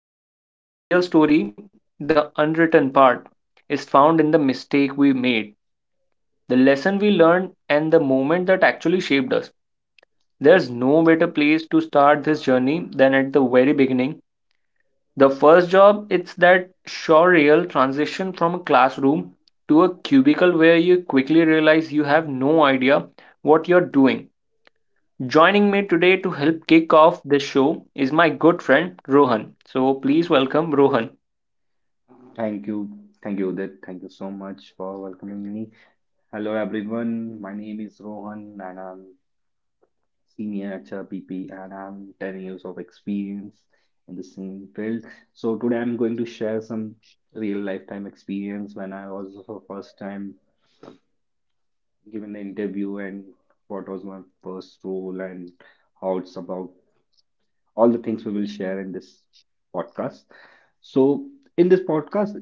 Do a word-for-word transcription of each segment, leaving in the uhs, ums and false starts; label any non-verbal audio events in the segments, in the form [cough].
the career, but the real story, the unwritten part, is found in the mistake we made, the lesson we learned, and the moment that actually shaped us. There's no better place to start this journey than at the very beginning. The first job, it's that surreal transition from a classroom to a cubicle where you quickly realize you have no idea what you're doing. Joining me today to help kick off this show is my good friend Rohan. So please welcome Rohan. Thank you. Thank you, Udit. Thank you so much for welcoming me. Hello, everyone. My name is Rohan and I'm senior at H R P P and I'm ten years of experience in the same field. So today I'm going to share some real lifetime experience when I was for first time given the interview and what was my first role and how it's about all the things we will share in this podcast. So in this podcast,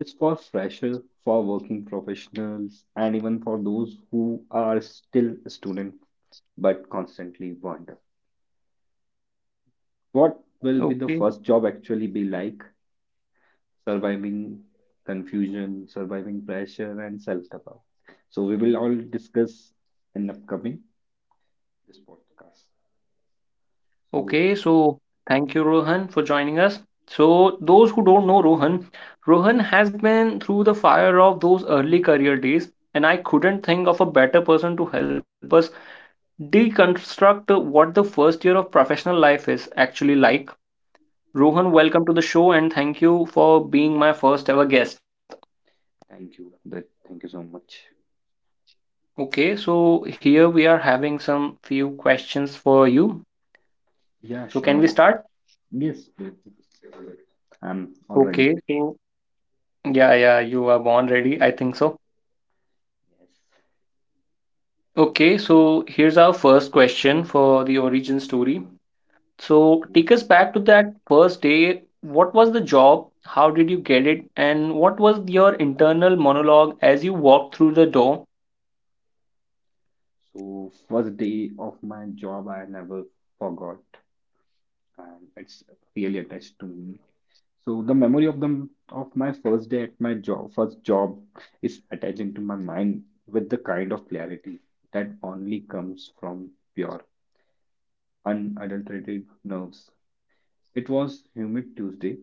it's for freshers, for working professionals, and even for those who are still a student but constantly wonder what will be the Okay. first job actually be like, surviving confusion, surviving pressure, and self-doubt. So we will all discuss in upcoming this podcast. So Okay, so thank you, Rohan, for joining us. So, those who don't know Rohan, Rohan has been through the fire of those early career days, and I couldn't think of a better person to help us deconstruct what the first year of professional life is actually like. Rohan, welcome to the show, and thank you for being my first ever guest. thank you, that thank you so much. Okay, so here we are having some few questions for you. Yeah, So, can sure. we start? Yes, Brit. I'm all ready. Okay, so yeah, yeah, you are born ready, I think so. Okay, so here's our first question for the origin story. So Yes. take us back to that first day. What was the job? How did you get it? And what was your internal monologue as you walked through the door? So first day of my job I never forgot and it's really attached to me. So the memory of the of my first day at my job first job is attaching to my mind with the kind of clarity that only comes from pure unadulterated nerves. It was humid Tuesday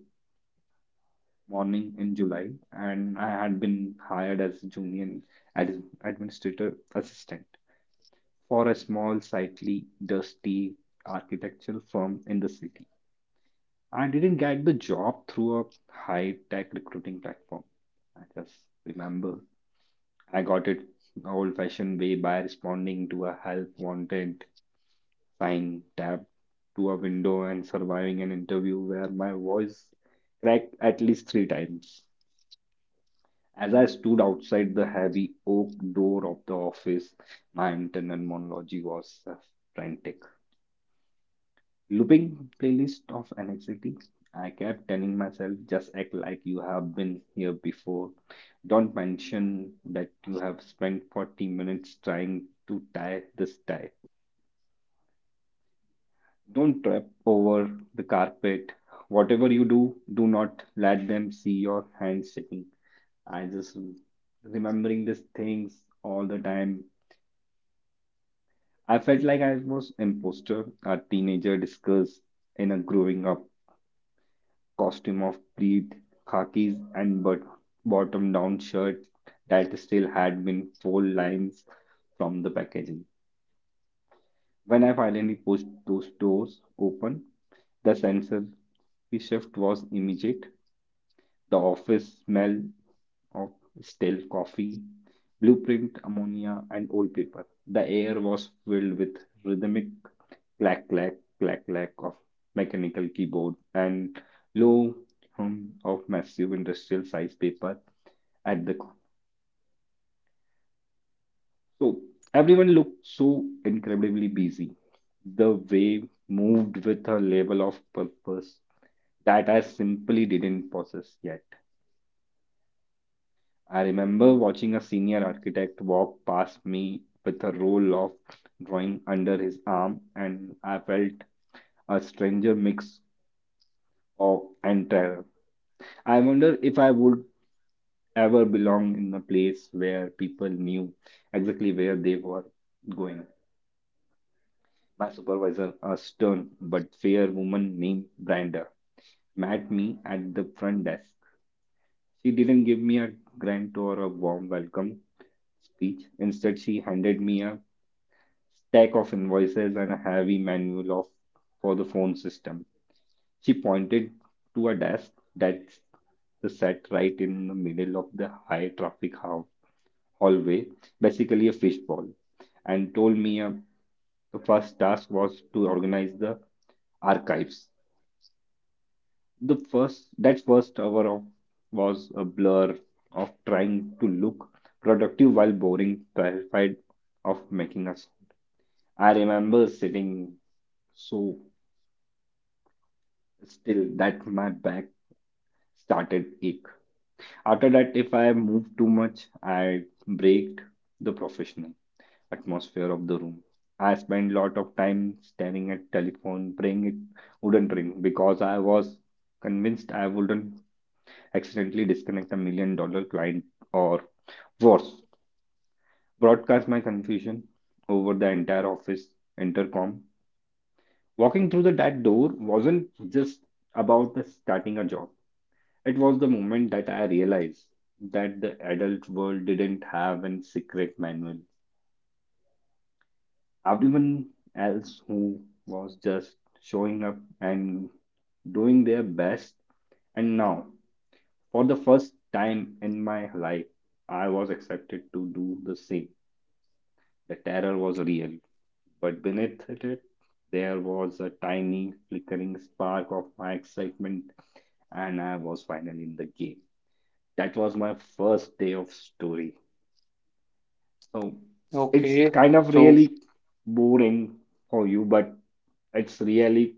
morning in July and I had been hired as junior ad- administrator assistant for a small, slightly dusty architectural firm in the city. I didn't get the job through a high tech recruiting platform. I just remember I got it old fashioned way by responding to a help wanted sign tapped to a window and surviving an interview where my voice cracked at least three times. As I stood outside the heavy oak door of the office, my internal monologue was uh, frantic. Looping playlist of anxiety. I kept telling myself, just act like you have been here before. Don't mention that you have spent forty minutes trying to tie this tie. Don't trip over the carpet. Whatever you do, do not let them see your hands shaking. I just remembering these things all the time. I felt like I was imposter, a teenager discussed in a growing up costume of pleat, khakis, and but bottom down shirt that still had been fold lines from the packaging. When I finally pushed those doors open, the sensory shift was immediate. The office smell of stale coffee, blueprint ammonia, and old paper. The air was filled with rhythmic clack clack clack clack of mechanical keyboard and low hum of massive industrial size paper at the corner. So everyone looked so incredibly busy. The wave moved with a level of purpose that I simply didn't possess yet. I remember watching a senior architect walk past me with a roll of drawing under his arm, and I felt a stranger mix of and terror. I wonder if I would ever belong in a place where people knew exactly where they were going. My supervisor, a stern but fair woman named Brenda, met me at the front desk. She didn't give me a grant or a warm welcome speech. Instead, she handed me a stack of invoices and a heavy manual of for the phone system. She pointed to a desk that s- that sat right in the middle of the high traffic hall hallway, basically a fish ball, and told me uh, the first task was to organize the archives. The first that first hour of was a blur of trying to look productive while boring, terrified of making us. I remember sitting so still that my back started ache. After that, if I moved too much, I braked the professional atmosphere of the room. I spent a lot of time staring at telephone, praying it wouldn't ring because I was convinced I wouldn't accidentally disconnect a million dollar client or worse, broadcast my confusion over the entire office intercom. Walking through the, that door wasn't just about the starting a job. It was the moment that I realized that the adult world didn't have a secret manual everyone else who was just showing up and doing their best. And now, for the first time in my life, I was accepted to do the same. The terror was real, but beneath it, there was a tiny flickering spark of my excitement, and I was finally in the game. That was my first day of story. So it's Okay, kind of so really boring for you, but it's really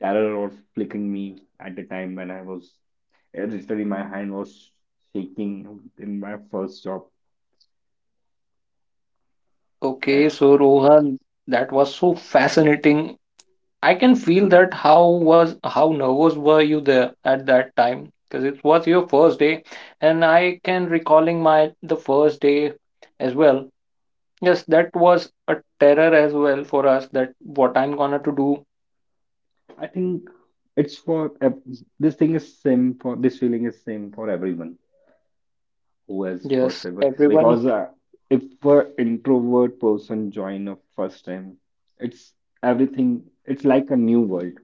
Terror was flicking me at the time when I was literally my hand was shaking in my first job. okay, That's so Rohan, that was so fascinating. I can feel that how was how nervous were you there at that time? Because it was your first day, and I can recalling my the first day as well. Yes, that was a terror as well for us that what I'm gonna to do. I think it's for ev- this thing is same for this feeling is same for everyone who has first Yes, ever because everyone. uh, if a introvert person join a first time, it's everything. It's like a new world.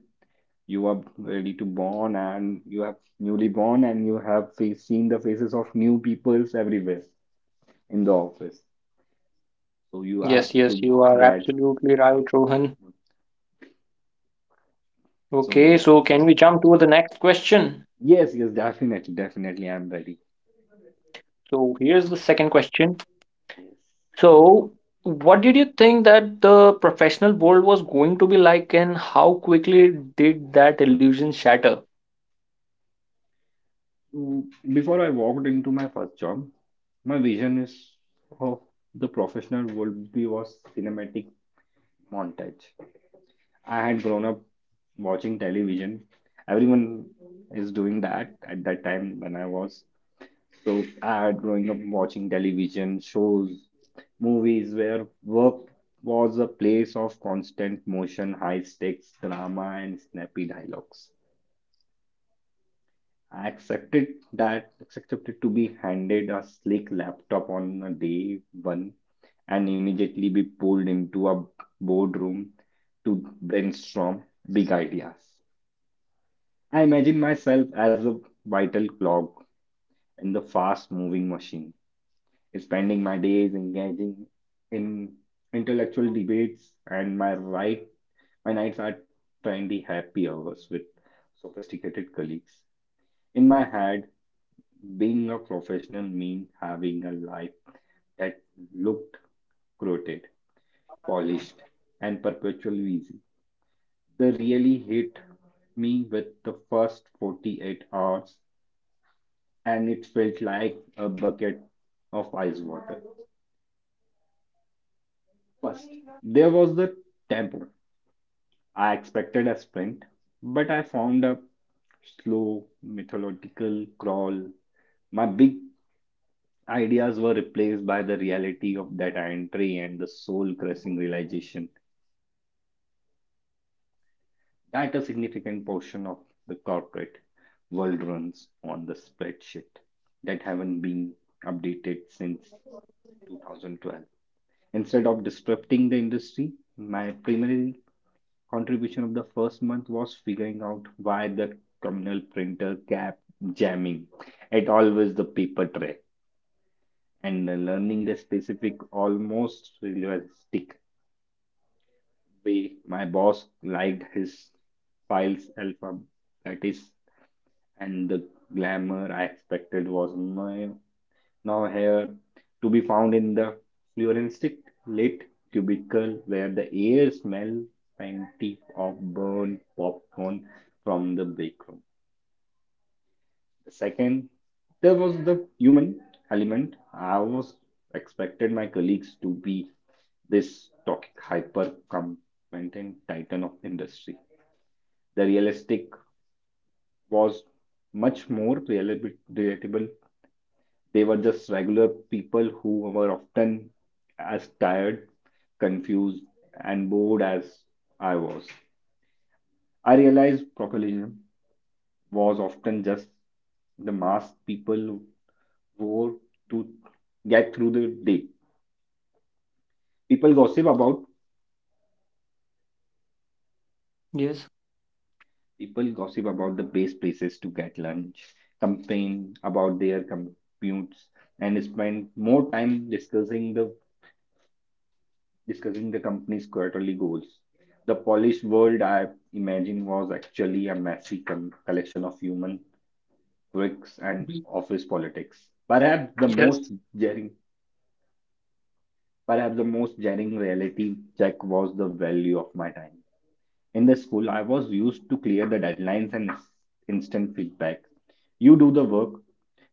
You are ready to born and you have newly born and you have face, seen the faces of new peoples everywhere in the office. So you have Yes, yes, to you are get absolutely right, Rohan. so Okay, so can we jump to the next question? yes, yes, definitely, definitely I'm ready. So here's the second question. Yes. So what did you think that the professional world was going to be like and how quickly did that illusion shatter? So before I walked into my first job, my vision is of the professional would be was cinematic montage. I had grown up watching television. Everyone is doing that at that time when I was So I had growing up watching television shows, movies where work was a place of constant motion, high stakes drama, and snappy dialogues. I accepted that accepted to be handed a slick laptop on a day one and immediately be pulled into a boardroom to brainstorm big ideas. I imagine myself as a vital clog in the fast moving machine spending my days engaging in intellectual debates, and my right my nights are trendy happy hours with sophisticated colleagues. In my head, being a professional means having a life that looked crooked, polished, and perpetually easy. They really hit me with the first forty-eight hours, and it felt like a bucket of ice water. First, there was the tempo. I expected a sprint, but I found a slow, methodical crawl. My big ideas were replaced by the reality of that entry and the soul crushing realization that a significant portion of the corporate world runs on the spreadsheet that haven't been updated since two thousand twelve. Instead of disrupting the industry, my primary contribution of the first month was figuring out why the communal printer kept jamming at always the paper tray and learning the specific almost realistic way my boss liked his files alpha that is and the glamour I expected was no now here to be found in the fluorescent lit cubicle where the air smells faintly of burnt popcorn from the break room. The second, there was the human element. I was expected my colleagues to be this toxic hyper competent titan of industry. The realistic was much more relatable. They were just regular people who were often as tired, confused, and bored as I was. I realized populism was often just the mask people wore to get through the day. People gossip about Yes. people gossip about the best places to get lunch, complain about their commutes, and spend more time discussing the discussing the company's quarterly goals. The polished world I imagine was actually a messy con- collection of human quirks and Mhm. office politics. Perhaps the most Yes. jarring, perhaps the most jarring reality check was the value of my time. In the school, I was used to clear the deadlines and ins- instant feedback. You do the work,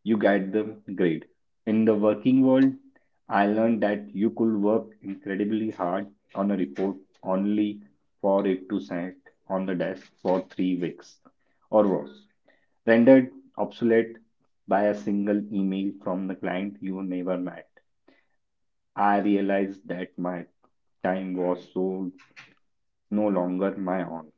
you get the grade. In the working world, I learned that you could work incredibly hard on a report only for it to sit on the desk for three weeks or worse, rendered obsolete by a single email from the client you never met. I realized that my time was so no longer my own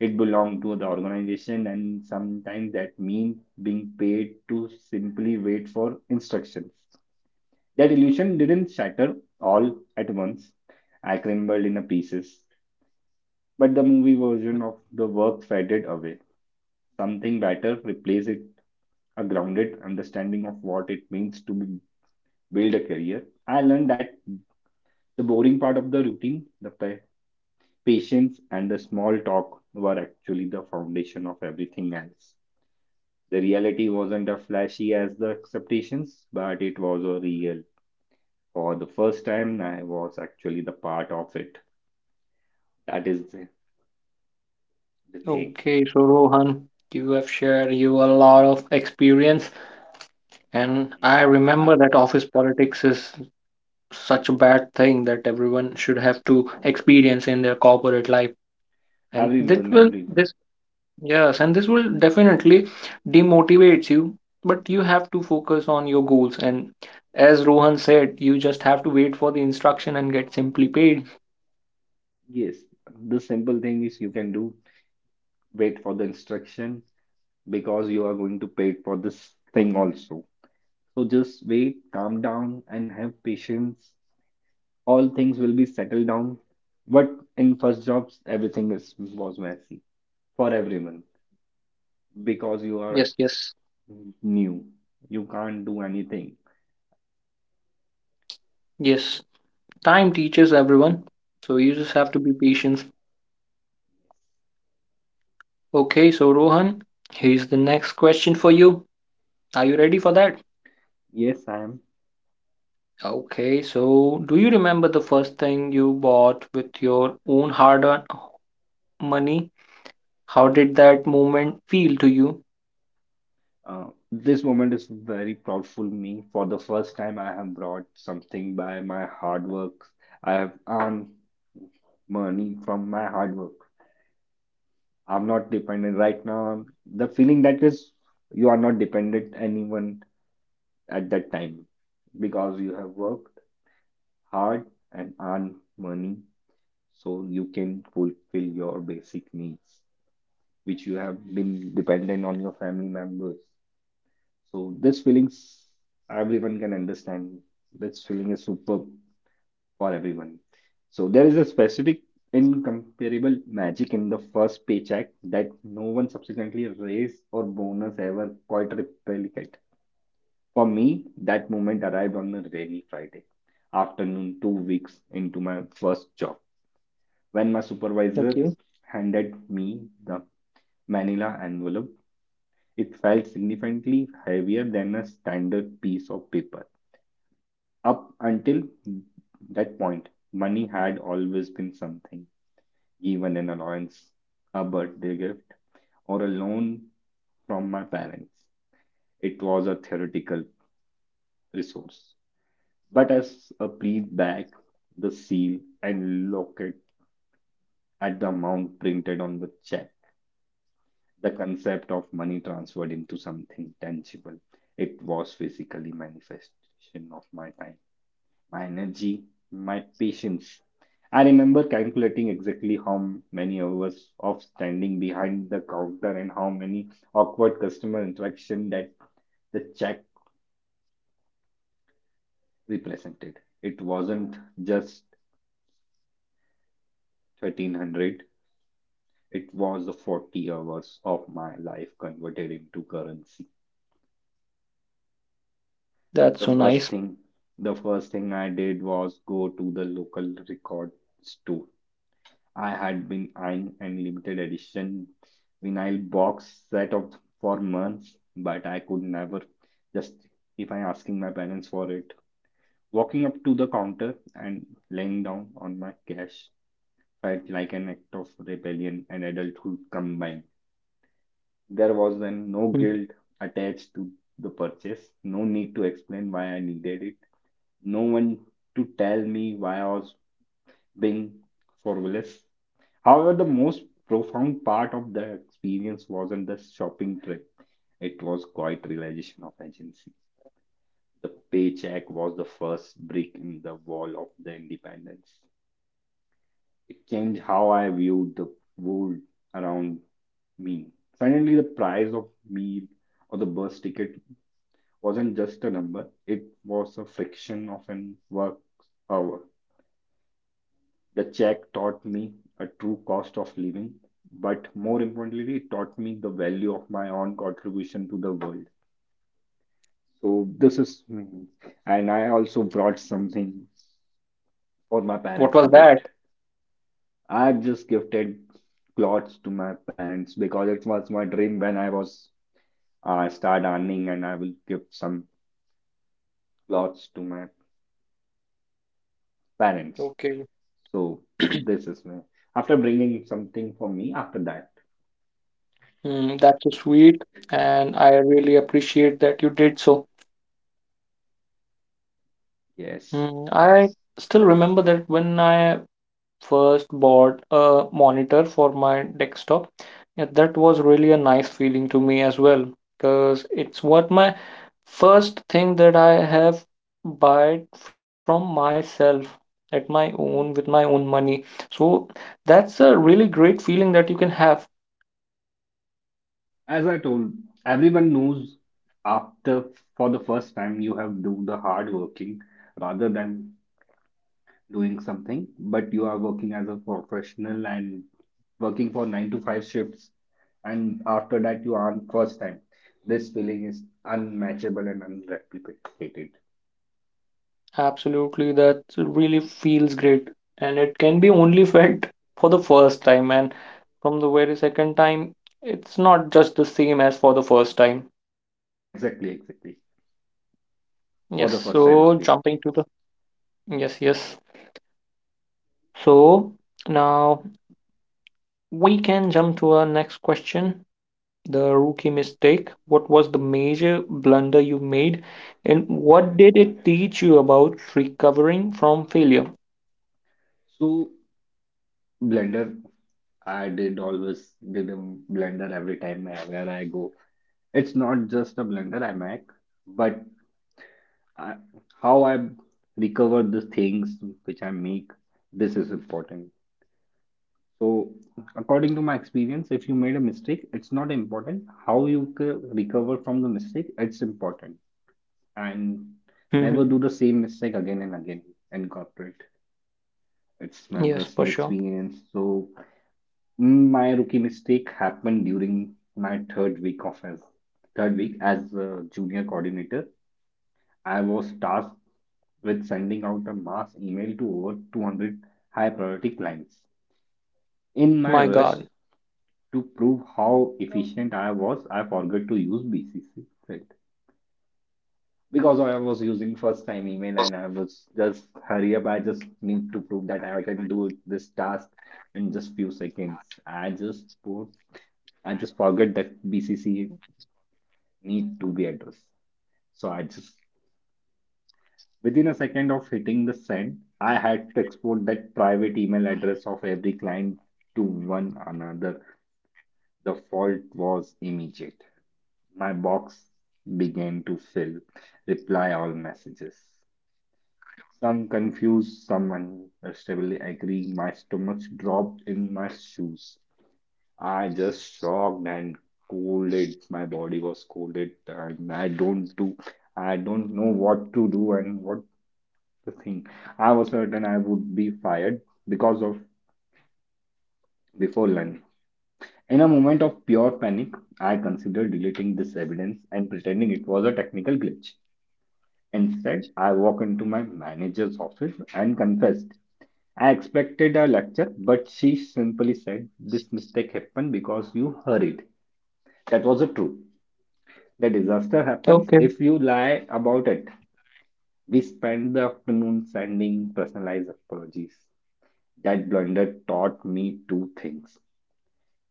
it belonged to the organization and sometimes that means being paid to simply wait for instructions. That illusion didn't shatter all at once. I crumbled in pieces. But the movie version of the work faded away. Something better replaced it, a grounded understanding of what it means to b- build a career. I learned that the boring part of the routine, the pa- patience, and the small talk were actually the foundation of everything else. The reality wasn't as flashy as the expectations, but it was a real. For the first time, I was actually the part of it. That is the, the thing. Okay, so Rohan, you have shared you a lot of experience. And I remember Ah, that office politics is such a bad thing that everyone should have to experience in their corporate life. And this everyone, will everyone. this yes, and this will definitely demotivates you. But you have to focus on your goals. And as Rohan said, you just have to wait for the instruction and get simply paid. Yes, the simple thing is you can do wait for the instruction because you are going to pay for this thing also. So just wait, calm down, and have patience. All things will be settled down. But in first jobs, everything is was messy for everyone, because you are Yes, yes, new. You can't do anything. yes. Time teaches everyone. So you just have to be patient. Okay, so Rohan, here's the next question for you. Are you ready for that? Yes, I am. Okay, so do you remember the first thing you bought with your own hard-earned money? How did that moment feel to you? Uh, this moment is very proud for me. For the first time, I have brought something by my hard work. I have earned money from my hard work. I'm not dependent right now. The feeling that is, you are not dependent anyone at that time because you have worked hard and earned money so you can fulfill your basic needs. Which you have been dependent on your family members. So this feelings everyone can understand. This feeling is superb for everyone. So there is a specific incomparable magic in the first paycheck that no one subsequently raise or bonus ever quite replicate. For me, that moment arrived on a rainy Friday afternoon, two weeks into my first job, when my supervisor Okay, handed me the manila envelope. It felt significantly heavier than a standard piece of paper. Up until that point, money had always been something given: an allowance, a birthday gift, or a loan from my parents. It was a theoretical resource. But as I breathed back the seal and locket at the amount printed on the check, the concept of money transferred into something tangible. It was physically manifestation of my time, my energy, my patience. I remember calculating exactly how many hours of standing behind the counter and how many awkward customer interaction that the check represented. It wasn't just thirteen hundred, it was the forty hours of my life converted into currency. that's so The nice. first thing the first thing I did was go to the local record store. I had been eyeing an limited edition vinyl box set of for months, but I could never justify asking my parents for it. Walking up to the counter and laying down on my cash felt like an act of rebellion and adulthood combined. There was then Hmm. no guilt attached to the purchase, no need to explain why I needed it, no one to tell me why I was being frivolous. However, the most profound part of the experience wasn't the shopping trip, it was quite realization of agency. The paycheck was the first brick in the wall of the independence. It changed how I viewed the world around me. Suddenly, the price of meal or the bus ticket wasn't just a number, it was a fraction of an work hour. The check taught me a true cost of living, but more importantly, it taught me the value of my own contribution to the world. So this is me. And I also brought something for my What parents to was gift. that? I have just gifted clothes to my parents because it was my dream when I was uh, start earning and I will give some clothes to my parents. Okay. So this is [clears throat] me. After bringing something for me after that. Hmm, that's so sweet, and I really appreciate that you did so. Yes. Hmm, I still remember that when I first bought a monitor for my desktop. Yeah, that was really a nice feeling to me as well because it's what my first thing that I have buy from myself at my own with my own money. So that's a really great feeling that you can have. As I told, everyone knows after for the first time you have do the hard working rather than doing something, but you are working as a professional and working for nine to five shifts, and after that you earn first time. This feeling is unmatchable and unreplicated. Absolutely, that really feels great and it can be only [laughs] felt for the first time and from the very second time it's not just the same as for the first time. Exactly, exactly. Yes, For the first time so only. jumping to the yes, yes. So now we can jump to our next question. The rookie mistake. What was the major blunder you made, and what did it teach you about recovering from failure? So blender, I did always did a blender every time where I go. It's not just a blender I make, but I, how I recover the things which I make, this is important. So, according to my experience, if you made a mistake, it's not important. How you c- recover from the mistake, it's important. And Hmm. never do the same mistake again and again in corporate. It's Yes, my for sure. personal experience. So, mm, my rookie mistake happened during my third week of as third week as a junior coordinator. I was tasked with sending out a mass email to over two hundred high priority clients. My In my God. rush to prove how efficient I was, I forgot to use B C C filter because I was using first time email and I was just hurry up. I just need to prove that I can do this task in just few seconds. I just put I just forget that B C C need to be addressed. So I just within a second of hitting the send, I had to export that private email address of every client to one another. The fault was immediate. My box began to fill, reply all messages. Some confused, some understandably angry. My stomach dropped in my shoes. I just shocked and colded. My body was colded, and I don't do, I don't know what to do and what the thing. I was certain I would be fired because of before lunch. In a moment of pure panic, I considered deleting this evidence and pretending it was a technical glitch. Instead, I walked into my manager's office and confessed. I expected a lecture, but she simply said, "This mistake happened because you hurried. That was the truth. The disaster Okay, happens if you lie about it." We spent the afternoon sending personalized apologies. That blunder taught me two things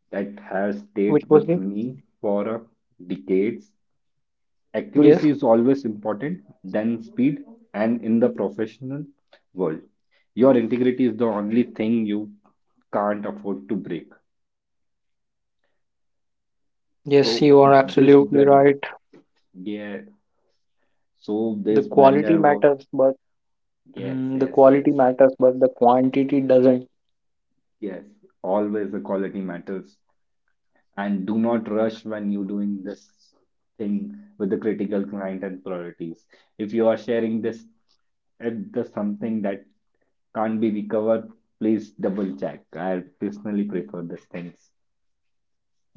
that have which stayed was the with me for uh, decades. Accuracy yes, is always important, than speed, and in the professional world, your integrity is the only thing you can't afford to break. yes. So You are this absolutely blender, right. yeah. So The this quality blender was matters, but yes, mm, the yes, quality yes, matters, but the quantity doesn't. yes. Always the quality matters. And do not rush when you're doing this thing with the critical client and priorities. If you are sharing this, if there's something that can't be recovered, please double check. I personally prefer these things.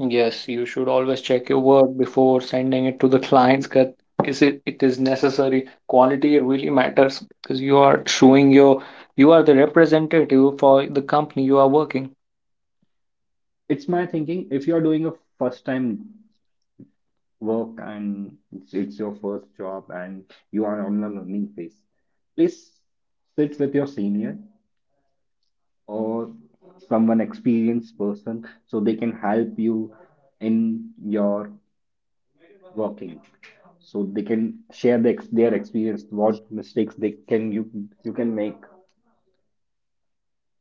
Yes, you should always check your work before sending it to the clients because is it it is necessary. Quality really matters because you are showing your you are the representative for the company you are working. It's my thinking. If you're doing a first time work and it's, it's your first job and you are on a learning phase, please sit with your senior or someone experienced person so they can help you in your working so they can share the, ex- their experience what mistakes they can you you can make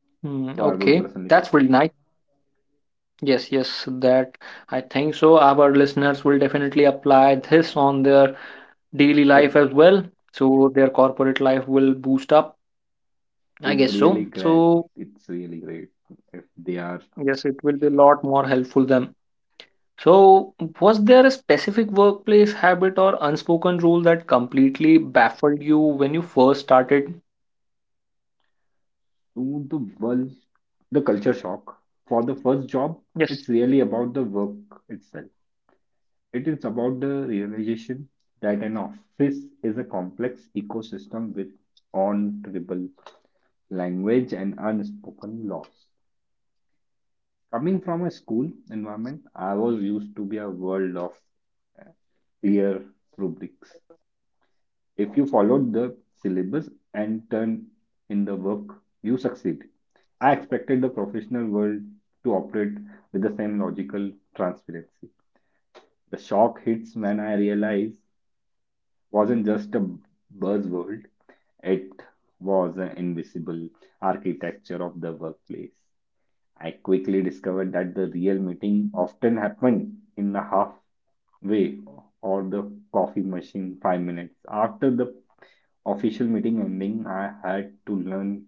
Hmm, so I will okay, personally pick that's really nice. Yes, yes, that I think so. Our listeners will definitely apply this on their daily it, life as well, so their corporate life will boost up. I it's guess really so. great. So It's really great if they are yes, it will be a lot more helpful than. So, was there a specific workplace habit or unspoken rule that completely baffled you when you first started? to the world. The culture shock for the first job, Yes. it's really about the work itself. It is about the realization that an office is a complex ecosystem with untraceable language and unspoken laws. Coming from a school environment, I was used to be a world of uh, clear rubrics. If you followed the syllabus and turned in the work, you succeed. I expected the professional world to operate with the same logical transparency. The shock hits when I realize wasn't just a buzzword, it was an invisible architecture of the workplace. I quickly discovered that the real meeting often happened in the halfway or the coffee machine five minutes. After the official meeting ending, I had to learn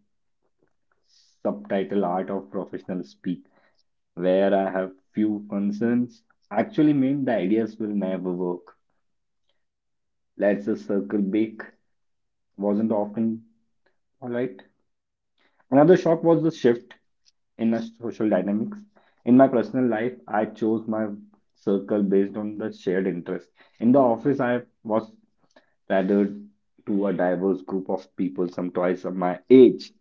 subtitle art of professional speak, where I have few concerns. Actually mean the ideas will never work. Let's a circle back wasn't often polite. Another shock was the shift in the social dynamics. In my personal life, I chose my circle based on the shared interest. In the office, I was tethered to a diverse group of people, some twice of my age,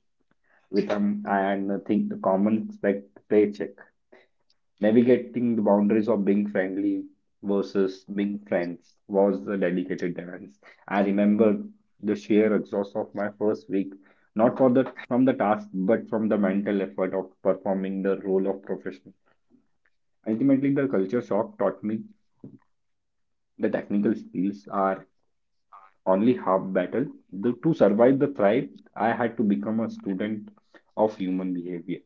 with whom I had nothing in common except paycheck. Navigating the boundaries of being friendly versus being friends was a dedicated dance. I remember the sheer exhaust of my first week, not for the from the task, but from the mental effort of performing the role of professional. Ultimately, the culture shock taught me the technical skills are only half battle. The, to survive the thrive, I had to become a student of human behavior.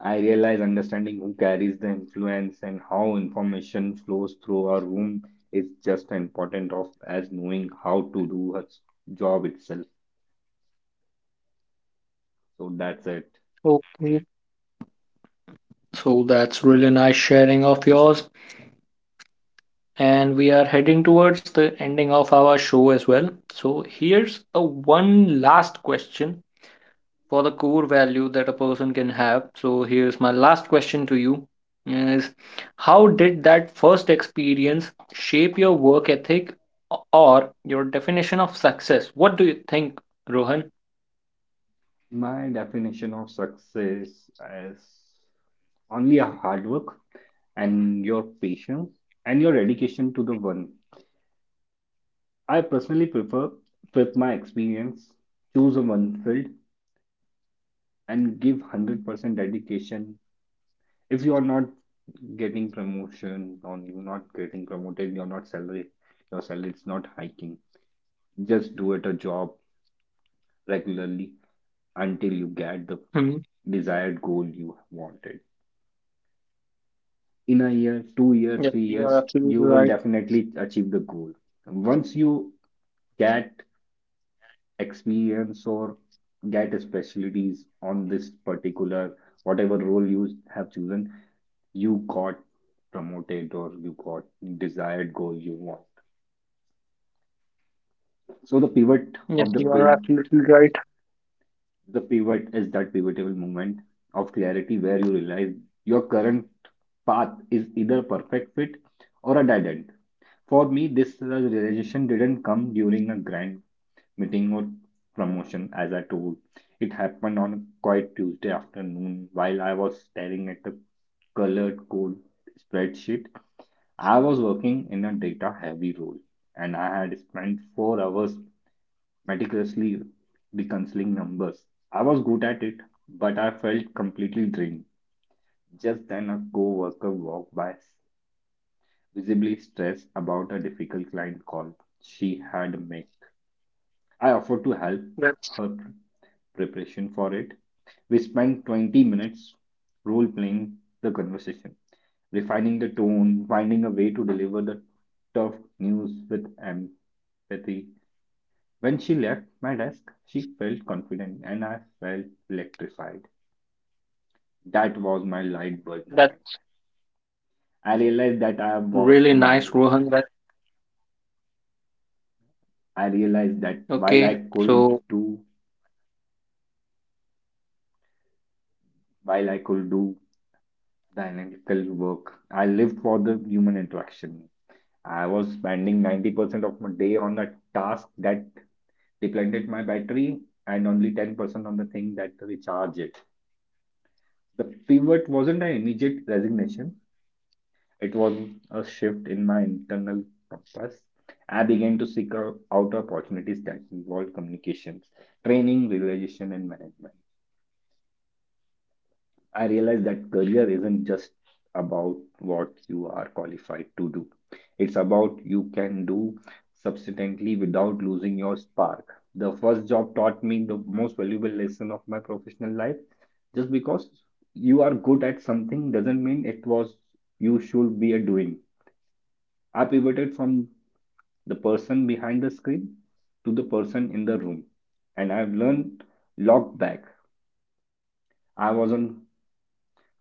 I realize understanding who carries the influence and how information flows through our room is just as important of as knowing how to do her job itself. So that's it. Okay, so that's really nice sharing of yours. And we are heading towards the ending of our show as well. So, here's a one last question for the core value that a person can have. So here's my last question to you is how did that first experience shape your work ethic or your definition of success? What do you think, Rohan? My definition of success is only a hard work and your patience and your dedication to the one. I personally prefer, with my experience, choose a one field and give one hundred percent dedication. If you are not getting promotion or you're not getting promoted you're not salary, your salary is not hiking, just do it a job regularly until you get the Hmm. desired goal you wanted. In a year, two year, Yes, three you are years absolutely you will right. definitely achieve the goal once you get experience or get specialties on this particular whatever role you have chosen. You got promoted or you got desired goal you want. So the pivot Yes, of the you are pivot, absolutely right. the pivot is that pivotal moment of clarity where you realize your current path is either perfect fit or a dead end. For me, this uh, realization didn't come during a grand meeting or promotion, as I told. It happened on a quiet Tuesday afternoon while I was staring at a colored code spreadsheet. I was working in a data heavy role and I had spent four hours meticulously reconciling numbers. I was good at it, but I felt completely drained. Just then, a co worker walked by, visibly stressed about a difficult client call she had made. I offered to help her That's preparation for it. We spent twenty minutes role playing the conversation, refining the tone, finding a way to deliver the tough news with empathy. When she left my desk, she felt confident and I felt electrified. That was my light bulb moment. that's I realized that really I nice, was Rohan. That while I realized that okay. while I So could do While I could do the analytical work, I lived for the human interaction. I was spending ninety percent of my day on a task that depleted my battery and only ten percent on the thing that recharged it. The pivot wasn't an immediate resignation. It was a shift in my internal compass. I began to seek out out opportunities that involved communications, training, realization, and management. I realized that career isn't just about what you are qualified to do. It's about you can do subsequently without losing your spark. The first job taught me the most valuable lesson of my professional life. Just because you are good at something doesn't mean it was you should be a doing. I pivoted from the person behind the screen to the person in the room. And I've learned locked back. I was on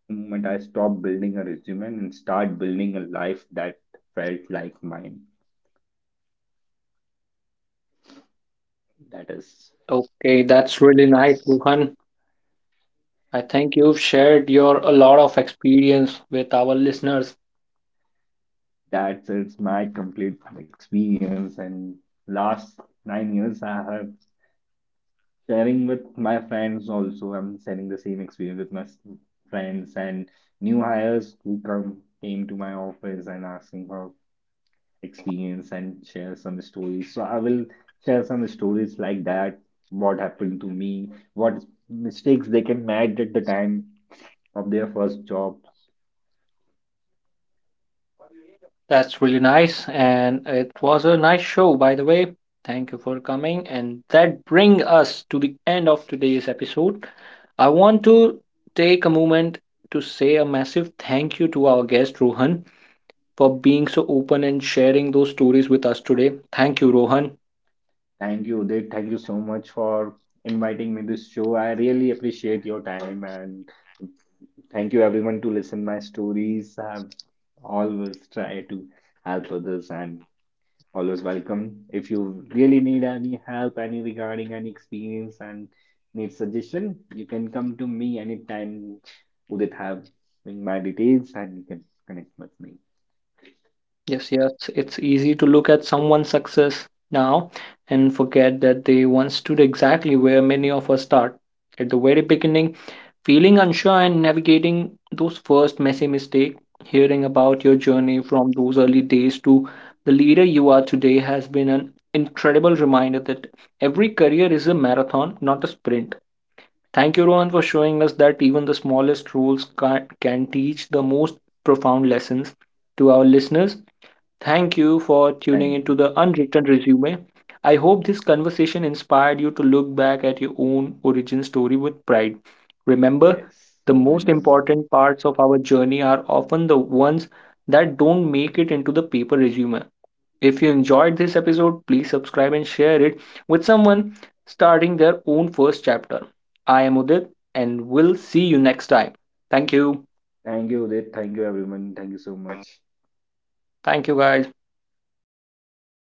the moment I stopped building a resume and start building a life that felt like mine. That is okay, that's really nice, Rohan. I think you've shared your a lot of experience with our listeners. that is my complete experience and last nine years I have sharing with my friends also. I'm sharing the same experience with my friends and new hires who come came to my office and asking how experience and share some stories. So I will share some stories like that, what happened to me, what mistakes they can made at the time of their first job. That's really nice, and it was a nice show, by the way. Thank you for coming, and that brings us to the end of today's episode. I want to take a moment to say a massive thank you to our guest Rohan for being so open and sharing those stories with us today. Thank you, Rohan. Thank you, Udit. Thank you so much for inviting me this show. I really appreciate your time and thank you everyone to listen my stories. I've always tried to help others and always welcome. If you really need any help, any regarding any experience and need suggestion, you can come to me anytime. Udit have my details and you can connect with me. Yes, yes, it's easy to look at someone's success now and forget that they once stood exactly where many of us start, at the very beginning. Feeling unsure and navigating those first messy mistakes, hearing about Yes. your journey from those early days to the leader you are today has been an incredible reminder that every career is a marathon, not a sprint. Thank you, Rohan, for showing us that even the smallest rules can, can teach the most profound lessons to our listeners. Thank you for tuning Thank into you. the Unwritten Resume. I hope this conversation inspired you to look back at your own origin story with pride. Remember, Yes. the most Remember. important parts of our journey are often the ones that don't make it into the paper resume. If you enjoyed this episode, please subscribe and share it with someone starting their own first chapter. I am Udit and we'll see you next time. Thank you. Thank you, Udit. Thank you, everyone. Thank you so much. Thank you, guys.